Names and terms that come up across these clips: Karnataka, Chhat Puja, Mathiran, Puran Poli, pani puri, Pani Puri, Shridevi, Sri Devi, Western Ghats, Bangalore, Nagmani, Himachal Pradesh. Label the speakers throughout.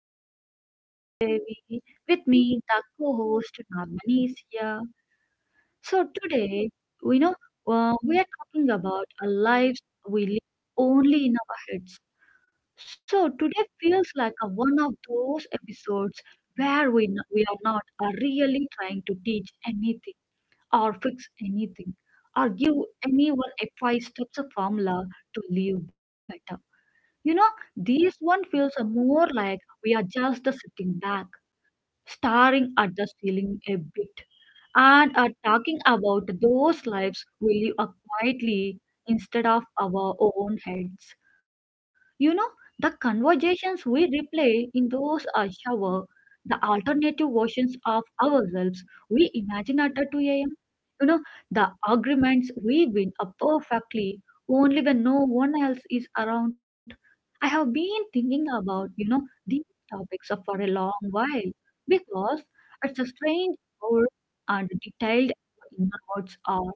Speaker 1: I'm your host Sri Devi. With me, the co-host Nagmani is here. So today, we know we are talking about our lives we live only in our heads. So today feels like a, one of those episodes where we are not really trying to teach anything or fix anything or give anyone a five steps of formula to live better you know, these one feels more like we are just sitting back, staring at the ceiling a bit, and are talking about those lives we live up quietly instead of our own heads. You know, the conversations we replay in those are shower, the alternative versions of ourselves we imagine at 2 a.m. You know, the arguments we win are perfectly only when no one else is around. I have been thinking about, you know, these topics for a long while because it's a strange how and detailed our inner words are,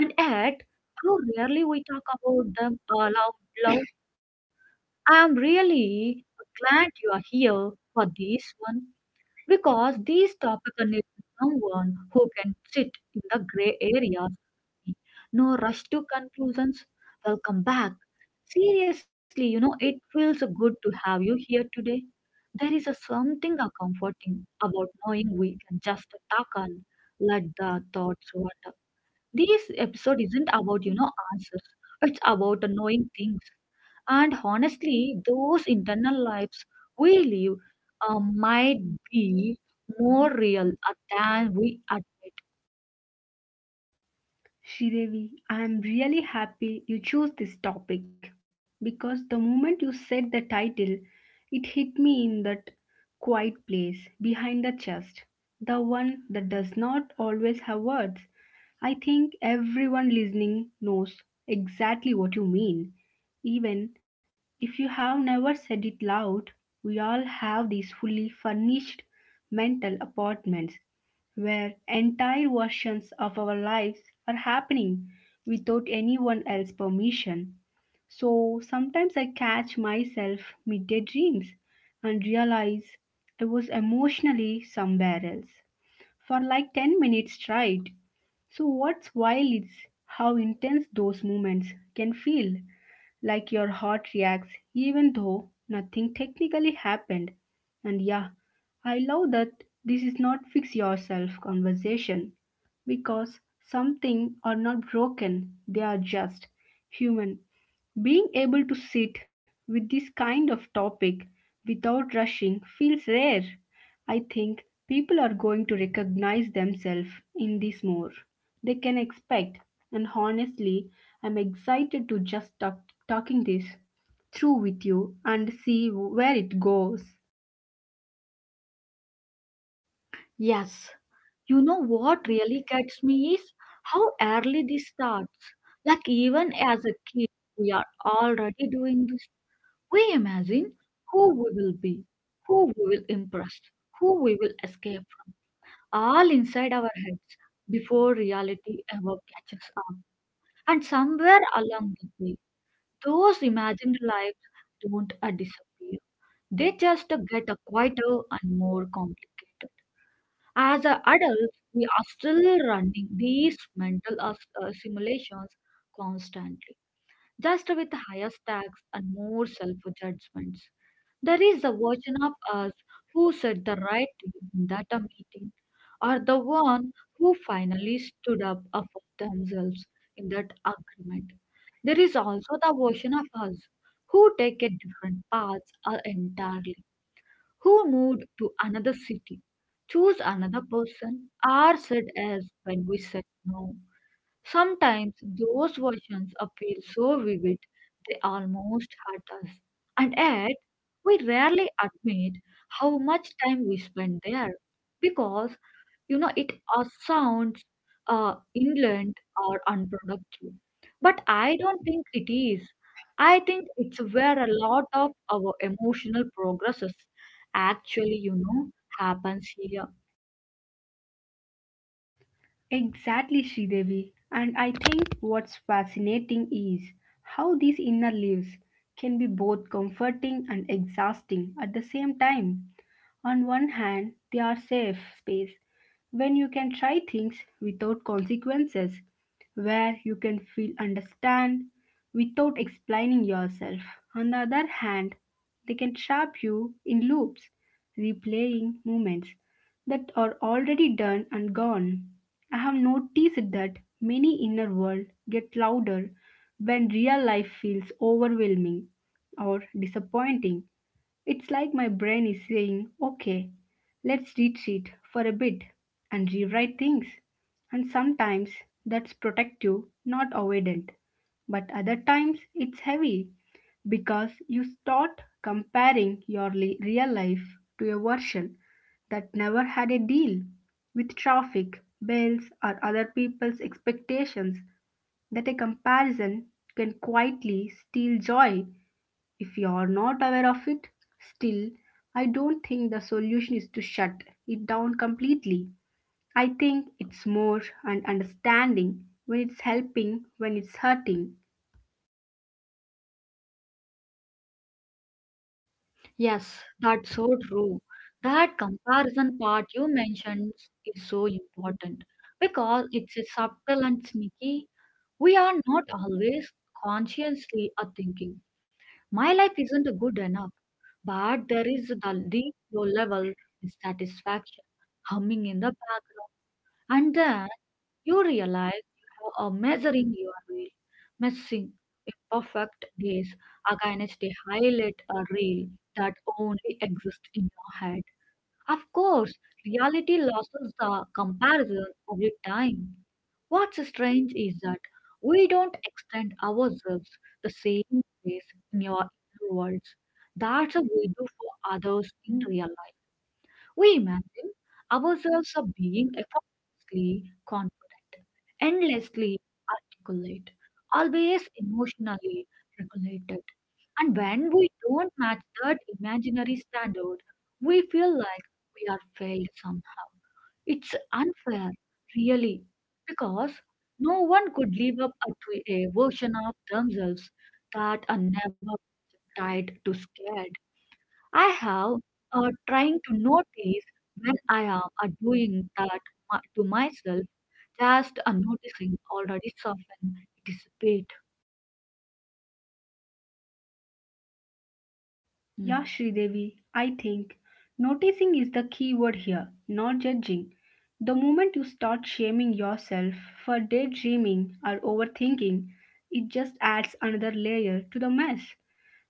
Speaker 1: and yet how rarely we talk about them aloud. Loud. Loud. I am really glad you are here for this one because this topic needs someone who can sit in the gray areas no rush to conclusions. Welcome back. Seriously, you know, it feels good to have you here today. There is a something a comforting about knowing we can just talk and let the thoughts water. This episode isn't about, you know, answers. It's about knowing things. And honestly, those internal lives we live might be more real than we admit.
Speaker 2: Shridevi, I am really happy you chose this topic because the moment you said the title, it hit me in that quiet place behind the chest, the one that does not always have words. I think everyone listening knows exactly what you mean. Even if you have never said it loud, we all have these fully furnished mental apartments where entire versions of our lives are happening without anyone else's permission. So sometimes I catch myself midday dreams and realize I was emotionally somewhere else for like 10 minutes straight. So what's wild is how intense those moments can feel like your heart reacts even though nothing technically happened. And yeah, I love that this is not fix yourself conversation because something are not broken, they are just human being able to sit with this kind of topic without rushing feels rare. I think people are going to recognize themselves in this more. They can expect, and honestly, I'm excited to just talk, talking this through with you and see where it goes.
Speaker 1: Yes, you know what really gets me is how early this starts. Like even as a kid, we are already doing this. We imagine who we will be, who we will impress, who we will escape, from, all inside our heads before reality ever catches up. And somewhere along the way, those imagined lives don't disappear. They just get quieter and more complicated. As a adults, we are still running these mental simulations constantly, just with higher stakes and more self judgments. There is a version of us who said the right thing at a meeting, or the one who finally stood up for themselves in that agreement. There is also the version of us who take a different path entirely who moved to another city, chose another person, are said as when we said no. Sometimes those versions appear so vivid they almost hurt us. And yet, we rarely admit how much time we spent there because you know it sounds uh, inland or unproductive but I don't think it is. I think it's where a lot of our emotional progresses actually you know happens here.
Speaker 2: Exactly, Sridevi. And I think what's fascinating is how these inner lives can be both comforting and exhausting at the same time. On one hand, they are safe space when you can try things without consequences, where you can feel understand without explaining yourself. On the other hand, they can trap you in loops, replaying moments that are already done and gone. I have noticed that many inner world get louder when real life feels overwhelming or disappointing. It's like my brain is saying, okay, let's retreat for a bit and rewrite things. And sometimes that's protective, not avoidant. But other times it's heavy because you start comparing your real life to a version that never had a deal with traffic, bells, or other people's expectations that a comparison can quietly steal joy if you're not aware of it. Still, I don't think the solution is to shut it down completely. I think it's more and understanding when it's helping, when it's hurting.
Speaker 1: Yes, that's so true. That comparison part you mentioned is so important because it's a subtle and sneaky. We are not always consciously are thinking my life isn't good enough. But there is the deep low level dissatisfaction humming in the background. And then you realize you are measuring your reel, missing imperfect days against a highlight a reel that only exists in your head. Of course, reality loses the comparison every time. What's strange is that we don't extend ourselves the same ways in our inner worlds. That's what we do for others in real life. We imagine ourselves as being effortlessly confident, endlessly articulate, always emotionally regulated. And when we don't match that imaginary standard, we feel like we are failed somehow. It's unfair, really, because no one could live up to a version of themselves that are never tied to scared. I have trying to notice when I am doing that to myself, just noticing already soften it is a bit.
Speaker 2: Yeah. Mm. Sridevi, I think noticing is the key word here, not judging. The moment you start shaming yourself for daydreaming or overthinking, it just adds another layer to the mess.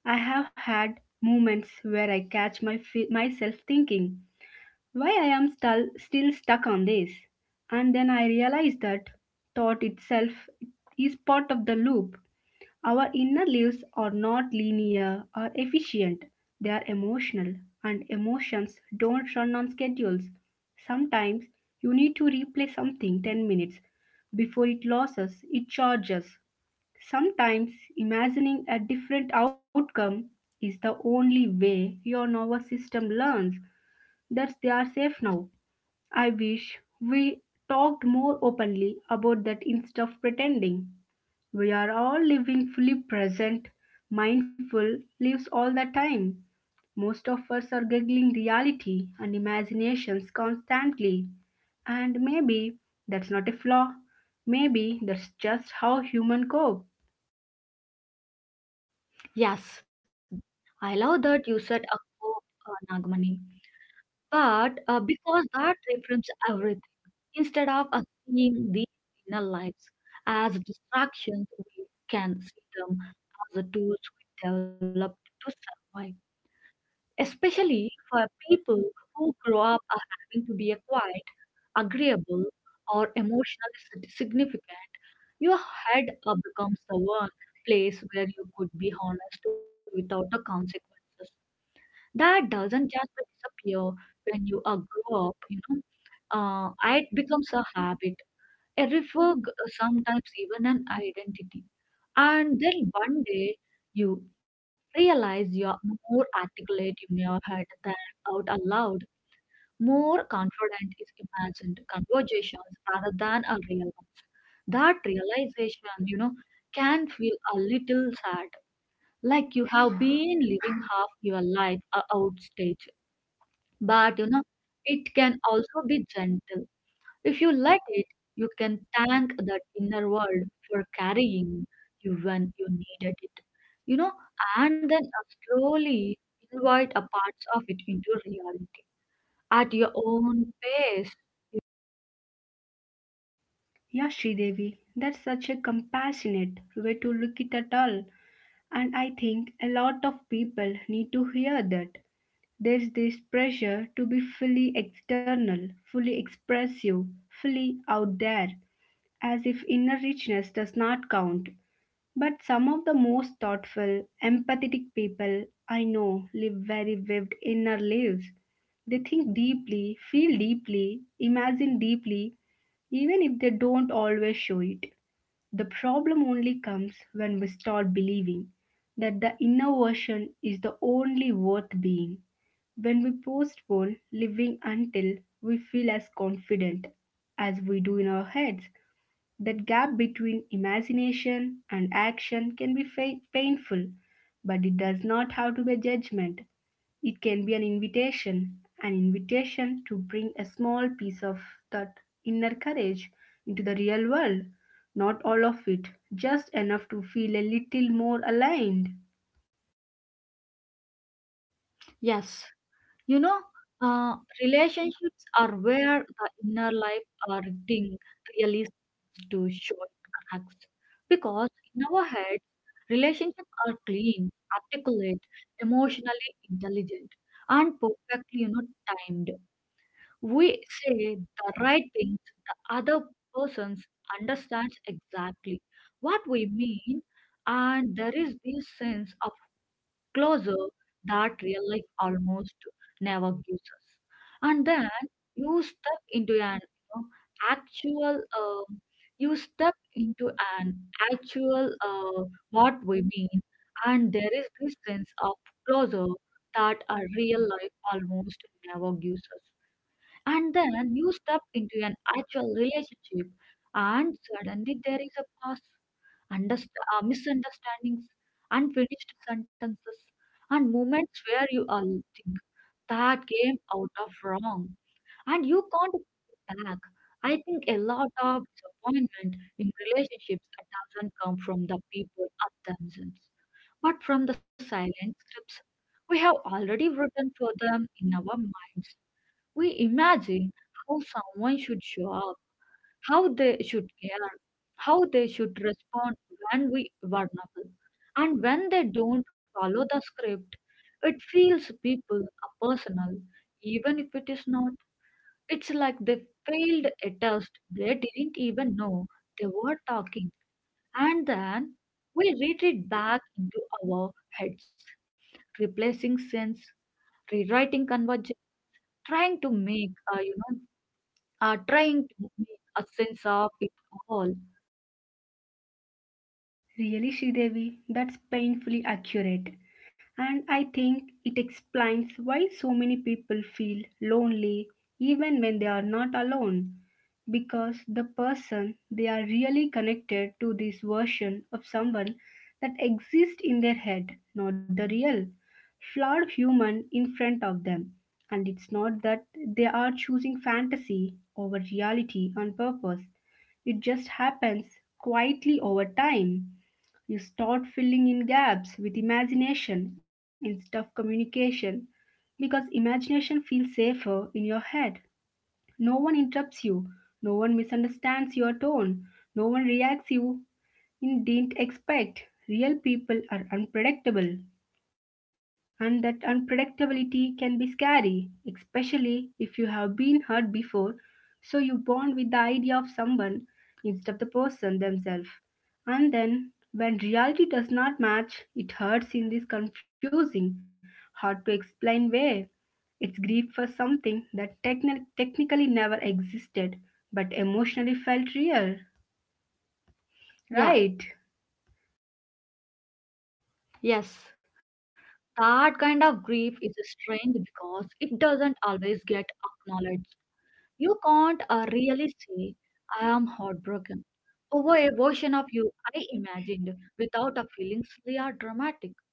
Speaker 2: I have had moments where I catch myself thinking, why I am still stuck on this. And then I realize that thought itself is part of the loop. Our inner lives are not linear or efficient, they are emotional, and emotions don't run on schedules. Sometimes you need to replay something 10 minutes before it loses its charges. Sometimes imagining a different outcome is the only way your nervous system learns that they are safe now. I wish we talked more openly about that instead of pretending. We are all living fully present, mindful lives all the time. Most of us are juggling reality and imaginations constantly. And maybe that's not a flaw. Maybe that's just how human cope.
Speaker 1: Yes, I love that you said a hope, Nagamani. But because that reframes everything, instead of seeing these inner lives as distractions, we can see them as the tools we developed to survive. Especially for people who grow up having to be a quiet, agreeable, or emotionally significant, your head becomes the one place where you could be honest without the consequences. That doesn't just disappear when you grow up you know it becomes a habit, a refer, sometimes even an identity. And then one day you realize you are more articulate in your head than out aloud, more confident is imagined conversations rather than a real ones. That realization you know can feel a little sad, like you have been living half your life outstage. But you know, it can also be gentle. If you let it, you can thank that inner world for carrying you when you needed it. You know, and then slowly invite a parts of it into reality at your own pace.
Speaker 2: Yeah, Devi, that's such a compassionate way to look at it all. And I think a lot of people need to hear that. There's this pressure to be fully external, fully expressive, fully out there, as if inner richness does not count. But some of the most thoughtful, empathetic people I know live very vivid inner lives. They think deeply, feel deeply, imagine deeply, even if they don't always show it. The problem only comes when we start believing that the inner version is the only worth being, when we postpone living until we feel as confident as we do in our heads. That gap between imagination and action can be painful, but it does not have to be a judgment. It can be an invitation to bring a small piece of that inner courage into the real world. Not all of it, just enough to feel a little more aligned.
Speaker 1: Yes, you know, uh, relationships are where the inner life or thing really starts to show cracks. Because in our heads, relationships are clean, articulate, emotionally intelligent, and perfectly, you know, timed. We say the right things, the other person understands exactly what we mean, and there is this sense of closer that real life almost never gives us. And then you step into an you know, actual, um, you step into an actual what we mean, and there is this sense of closer that a real life almost never gives us. And then you step into an actual relationship, and suddenly there is a pause, underst- misunderstandings, unfinished sentences, and moments where you all think that came out of wrong, and you can't go back. I think a lot of disappointment in relationships doesn't come from the people of themselves, but from the silent scripts we have already written for them in our minds. We imagine how someone should show up, how they should care, how they should respond when we vulnerable. And when they don't follow the script, it feels people are personal, even if it is not. It's like they failed a test they didn't even know they were talking. And then we retreat back into our heads, replacing sense, rewriting conversation, trying to make trying to make a sense of it all.
Speaker 2: Really, Sridevi, that's painfully accurate. And I think it explains why so many people feel lonely even when they are not alone. Because the person they are really connected to this version of someone that exists in their head, not the real, flawed human in front of them. And it's not that they are choosing fantasy over reality on purpose, it just happens quietly over time. You start filling in gaps with imagination instead of communication because imagination feels safer in your head. No one interrupts you, no one misunderstands your tone, no one reacts you you didn't expect. Real people are unpredictable. And that unpredictability can be scary, especially if you have been hurt before, so you bond with the idea of someone instead of the person themselves. And then, when reality does not match, it hurts in this confusing, hard to explain way. It's grief for something that technically never existed but emotionally felt real. Yeah, right?
Speaker 1: Yes, that kind of grief is strange because it doesn't always get acknowledged. You can't really say, I am heartbroken over a version of you I imagined without a feeling silly or dramatic.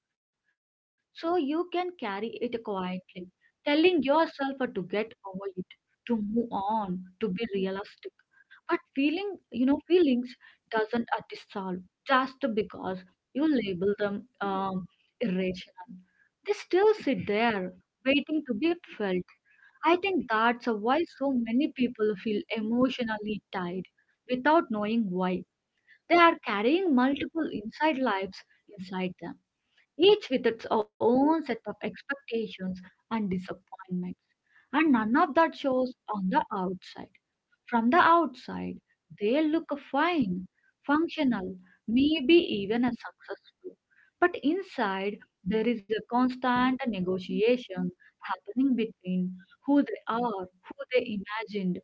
Speaker 1: So you can carry it quietly, telling yourself to get over it, to move on, to be realistic. But feeling, you know, feelings doesn't dissolve just because you label them irrational. They still sit there waiting to be felt. I think that's why so many people feel emotionally tied without knowing why. They are carrying multiple inside lives inside them, each with its own set of expectations and disappointments, and none of that shows on the outside. From the outside, they look fine, functional, maybe even a successful. But inside, there is a constant negotiation happening between who they are, who they imagined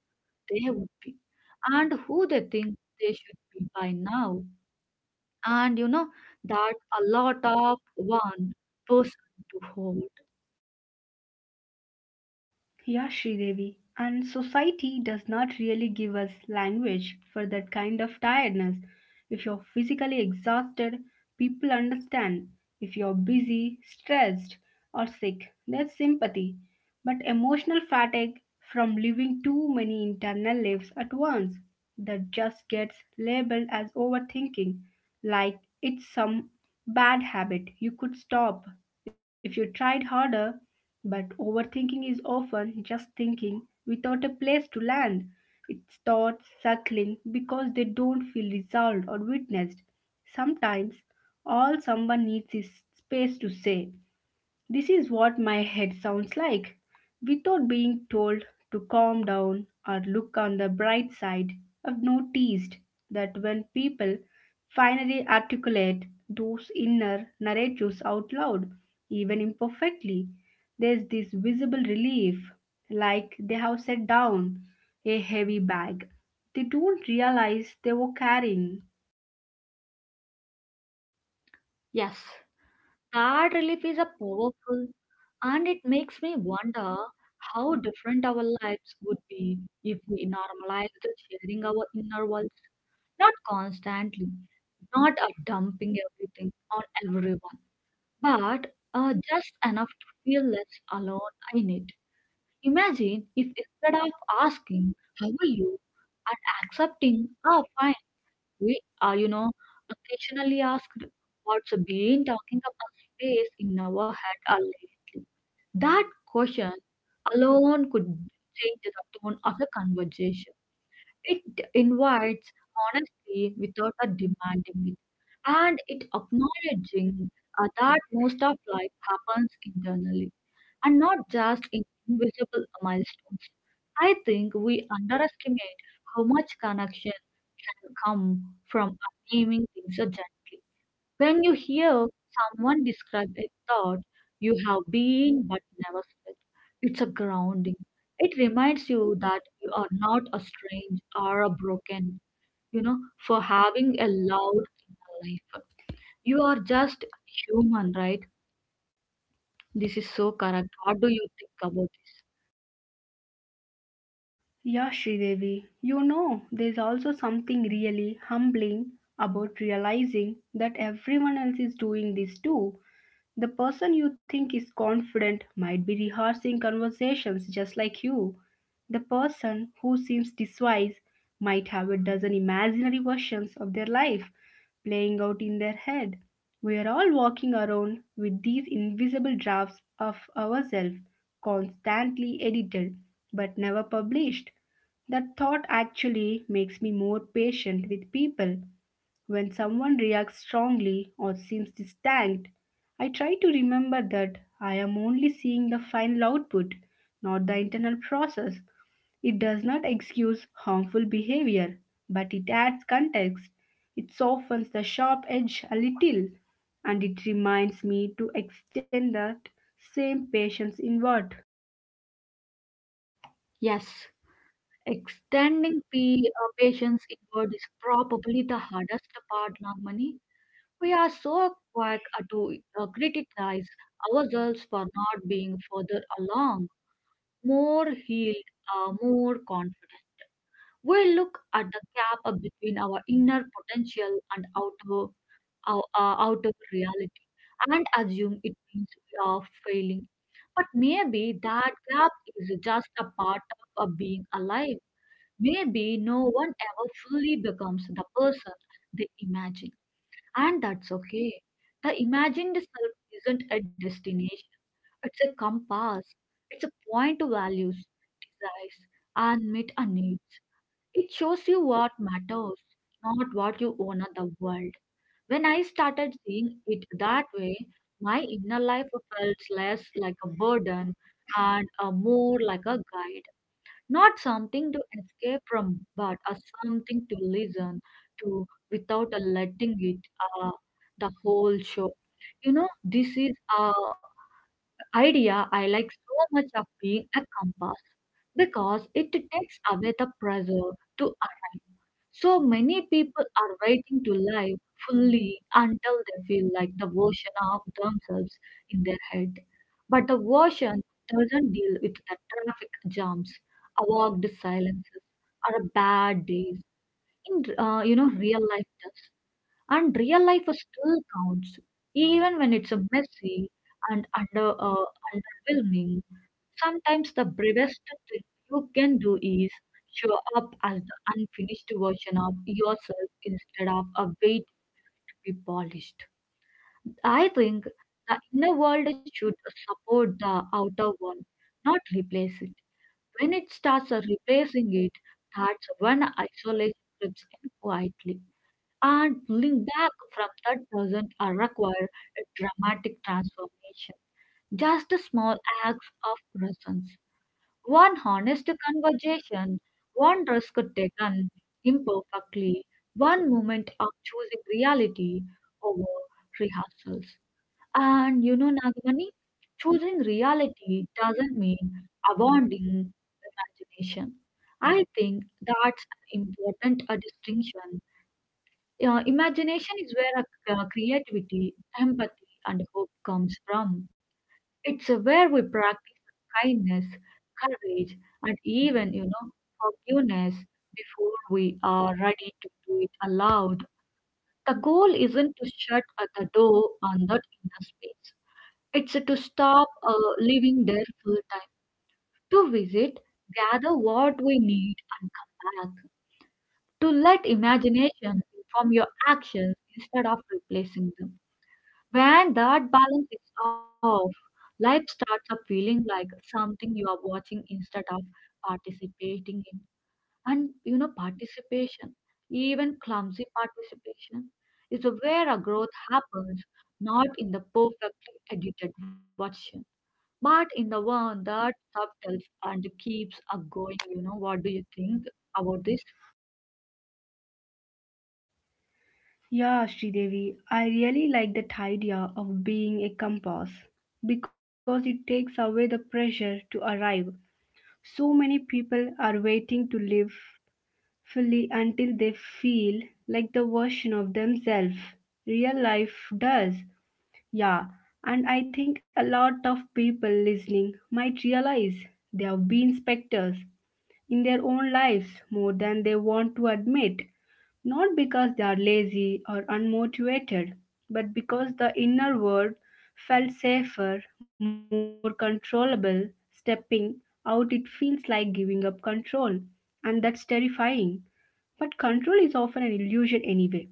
Speaker 1: they would be, and who they think they should be by now. And you know that a lot of one person to hold.
Speaker 2: Yeah, Sridevi. And society does not really give us language for that kind of tiredness. If you're physically exhausted, people understand. If you're busy, stressed, or sick, there's sympathy. But emotional fatigue from living too many internal lives at once, that just gets labeled as overthinking, like it's some bad habit you could stop if you tried harder. But overthinking is often just thinking without a place to land. It's thoughts circling because they don't feel resolved or witnessed. Sometimes all someone needs is space to say. This is what my head sounds like without being told to calm down or look on the bright side. I've noticed that when people finally articulate those inner narratives out loud, even imperfectly, there's this visible relief, like they have set down a heavy bag they don't realize they were carrying.
Speaker 1: Yes. That relief is a powerful, and it makes me wonder how different our lives would be if we normalized sharing our inner worlds, not constantly, not dumping everything on everyone, but just enough to feel less alone in it. Imagine if instead of asking, how are you? And accepting, ah, fine. We are, you know, occasionally asked what's been talking about space in our head are lately. That question alone could change the tone of the conversation. It invites honesty without a demanding it, and it acknowledging that most of life happens internally and not just in invisible milestones. I think we underestimate how much connection can come from naming things so gently. When you hear someone describe a thought you have been but never said, it's a grounding. It reminds you that you are not a strange or a broken, you know, for having a loud inner life. You are just human, right? This is so correct. What do you think about this?
Speaker 2: Yeah, Sridevi, you know, there's also something really humbling about realizing that everyone else is doing this too. The person you think is confident might be rehearsing conversations just like you. The person who seems diswise might have a dozen imaginary versions of their life playing out in their head. We are all walking around with these invisible drafts of ourselves, constantly edited but never published. That thought actually makes me more patient with people when someone reacts strongly or seems distant. I try to remember that I am only seeing the final output, not the internal process. It does not excuse harmful behavior, but it adds context. It softens the sharp edge a little, and it reminds me to extend that same patience inward.
Speaker 1: Yes, extending patience inward is probably the hardest part. Normally, we are so quick to criticize ourselves for not being further along, more healed, more confident. We look at the gap between our inner potential and outer, outer reality and assume it means we are failing. But maybe that gap is just a part of being alive. Maybe no one ever fully becomes the person they imagine, and that's okay. The imagined self isn't a destination, it's a compass, it's a point to values, desires, and meet a needs. It shows you what matters, not what you own of the world. When I started seeing it that way, my inner life felt less like a burden and more like a guide. Not something to escape from, but a something to listen to without a letting it uh, the whole show. This is idea I like so much of being a compass because it takes away the pressure to arrive. So many people are waiting to live fully until they feel like the version of themselves in their head. But the version doesn't deal with the traffic jams, awkward silences, or bad days. In you know real life does. And real life still counts, even when it's a messy and underwhelming. Sometimes the bravest thing you can do is show up as the unfinished version of yourself instead of a way to be polished. I think the inner world should support the outer one, not replace it. When it starts replacing it, that's when isolation creeps in quietly and pulling back from that doesn't require a dramatic transformation, just a small acts of presence. One honest conversation, one risk taken imperfectly, one moment of choosing reality over rehearsals. And you know, Nagamani, choosing reality doesn't mean abandoning imagination. I think that's an important distinction imagination is where our, creativity, empathy, and hope comes from. It's where we practice kindness, courage, and even, you know, forgiveness before we are ready to do it aloud. The goal isn't to shut the door on that inner space. It's to stop living there full time, to visit, gather what we need, and come back, to let imagination inform your actions instead of replacing them. When that balance is off, life starts up feeling like something you are watching instead of participating in. And you know, participation, even clumsy participation, is where a growth happens, not in the perfectly edited version, but in the one that subtles and keeps a going. You know, what do you think about this?
Speaker 2: Yeah, Sridevi, I really like that idea of being a compass because it takes away the pressure to arrive. So many people are waiting to live fully until they feel like the version of themselves real life does. Yeah, and I think a lot of people listening might realize they have been specters in their own lives more than they want to admit, not because they are lazy or unmotivated, but because the inner world felt safer, more controllable. Stepping out, it feels like giving up control, and that's terrifying. But control is often an illusion anyway.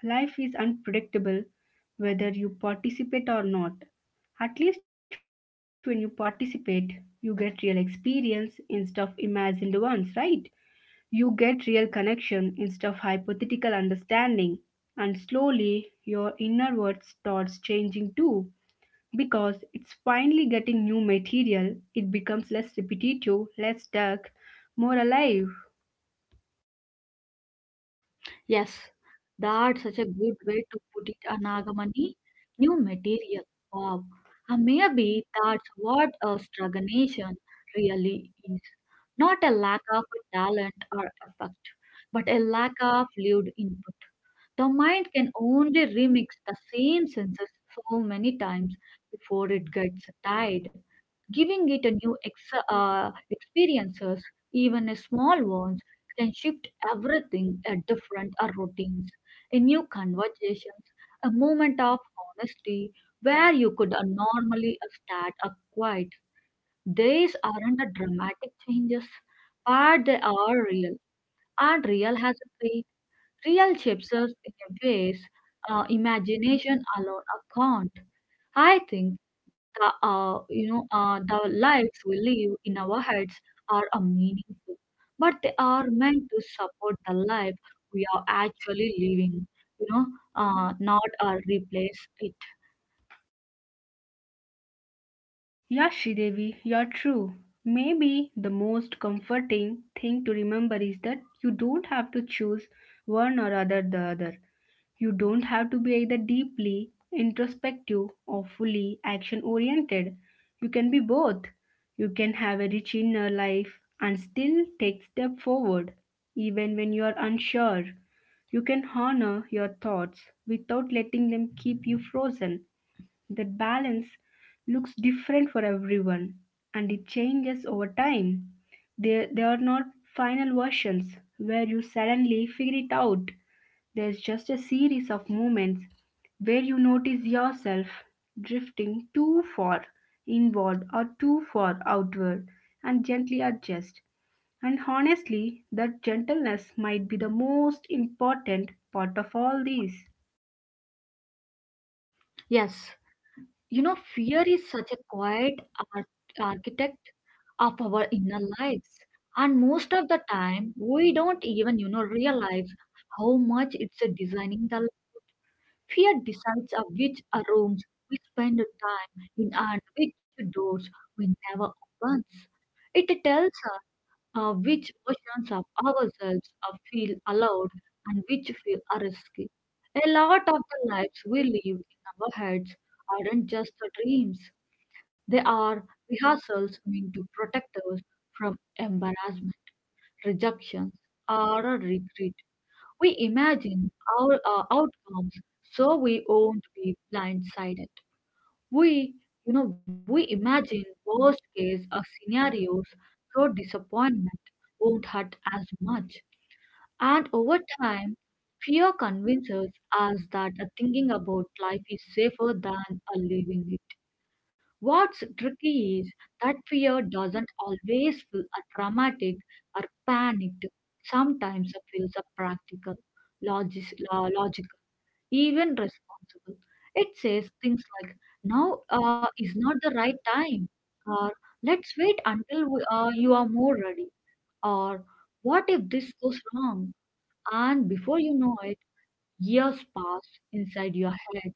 Speaker 2: Life is unpredictable whether you participate or not. At least when you participate, you get real experience instead of imagined ones, right? You get real connection instead of hypothetical understanding, and slowly your inner world starts changing too. Because it's finally getting new material, it becomes less repetitive, less dark, more alive.
Speaker 1: Yes, that's such a good way to put it, Nagamani. New material. Wow. Maybe that's what a stagnation really is. Not a lack of talent or effect, but a lack of lived input. The mind can only remix the same senses so many times before it gets tired giving it a new experiences, even a small ones, can shift everything a different routines, a new conversations, a moment of honesty where you could normally start a quiet. These aren't the dramatic changes, but they are real, and real has a weight. Real shapers in a ways imagination alone can't. I think the the lives we live in our heads are a meaningful, but they are meant to support the life we are actually living. You know, not replace it.
Speaker 2: Yeah, Devi, you're true. Maybe the most comforting thing to remember is that you don't have to choose one or other the other. You don't have to be either deeply introspective or fully action oriented. You can be both. You can have a rich inner life and still take step forward even when you are unsure. You can honor your thoughts without letting them keep you frozen. That balance looks different for everyone and it changes over time. There are not final versions where you suddenly figure it out. There's just a series of moments where you notice yourself drifting too far inward or too far outward and gently adjust. And honestly, that gentleness might be the most important part of all this.
Speaker 1: Yes. You know, fear is such a quiet ar- architect of our inner lives. And most of the time, we don't even, you know, realize how much it's a designing the life. Fear decides of which are rooms we spend time in and which doors we never open. It tells us which versions of ourselves are feel allowed and which feel are risky. A lot of the lives we live in our heads aren't just the dreams. They are rehearsals meant to protect us from embarrassment, rejections, or a regret. We imagine our outcomes, so we won't be blindsided. We, you know, we imagine worst-case scenarios, so disappointment won't hurt as much. And over time, fear convinces us that thinking about life is safer than living it. What's tricky is that fear doesn't always feel a dramatic or panicked. Sometimes it feels a practical, logical, even responsible. It says things like, now is not the right time, or let's wait until you are more ready, or what if this goes wrong? And before you know it, years pass inside your head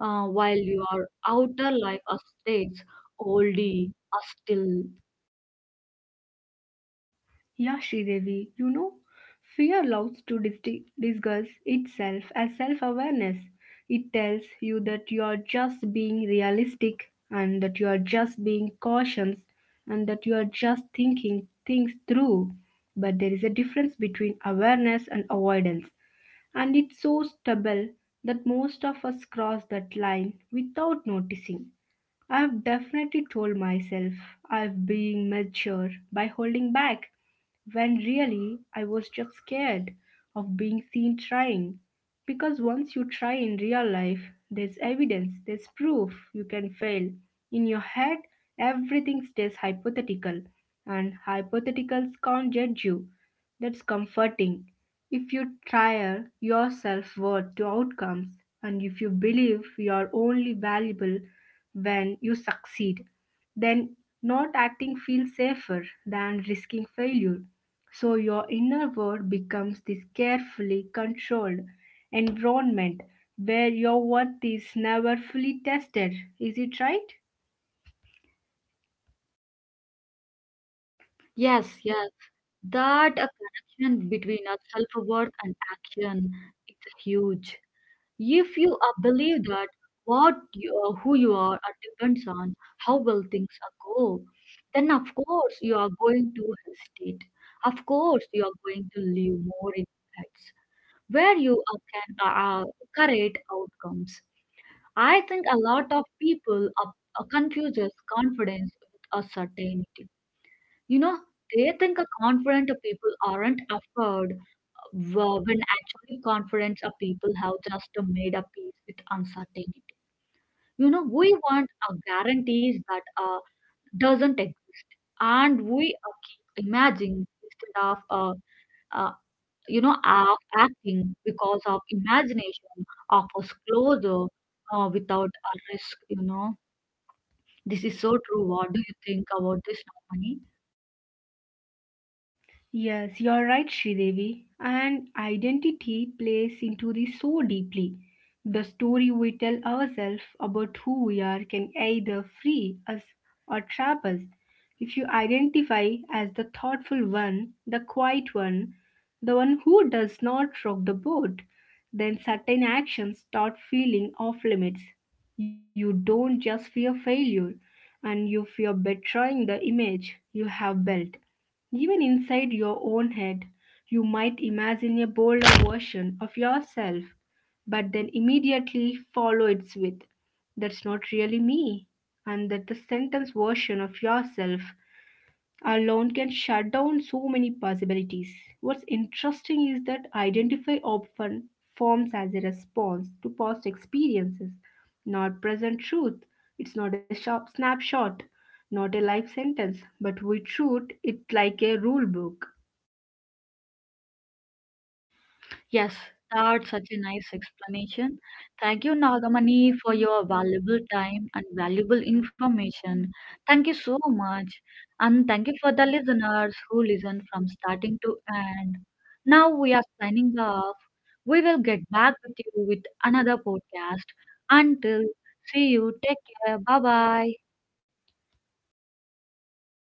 Speaker 1: while your outer life a stage oldie a still.
Speaker 2: Yeah, Sridevi, you know, fear loves to disguise itself as self awareness. It tells you that you are just being realistic and that you are just being cautious and that you are just thinking things through. But there is a difference between awareness and avoidance, and it's so stubble that most of us cross that line without noticing. I've definitely told myself I've been mature by holding back, when really I was just scared of being seen trying. Because once you try in real life, there's evidence, there's proof you can fail. In your head, everything stays hypothetical, and hypotheticals can't judge you. That's comforting. If you tire your self worth to outcomes, and if you believe you are only valuable when you succeed, then not acting feels safer than risking failure. So your inner world becomes this carefully controlled environment where your worth is never fully tested. Is it right?
Speaker 1: Yes, yes, that a connection between our self-worth and action, it's huge. If you believe that what you are, who you are depends on how well things are go, then of course you are going to hesitate. Of course you are going to live more in impacts where you can create outcomes. I think a lot of people confuses confidence with a certainty. You know, they think a confident people aren't afraid, when actually confidence of people have just made a peace with uncertainty. You know, we want a guarantees that doesn't exist, and we keep imagining instead of uh, acting because of imagination of us closer without a risk. You know. This is so true. What do you think about this, Nagamani?
Speaker 2: Yes, you're right, Sridevi. And identity plays into this so deeply. The story we tell ourselves about who we are can either free us or trap us. If you identify as the thoughtful one, the quiet one, the one who does not rock the boat, then certain actions start feeling off limits. You don't just fear failure, and you fear betraying the image you have built even inside your own head. You might imagine a bolder version of yourself, but then immediately follow it with, "That's not really me," and that the sentence version of yourself alone can shut down so many possibilities. What's interesting is that identify often forms as a response to past experiences, not present truth. It's not a sharp snapshot, not a life sentence, but we treat it like a rule book.
Speaker 1: Yes, that's such a nice explanation. Thank you, Nagamani, for your valuable time and valuable information. Thank you so much. And thank you for the listeners who listen from starting to end. Now we are signing off. We will get back with you with another podcast. Until see you, take care. Bye bye.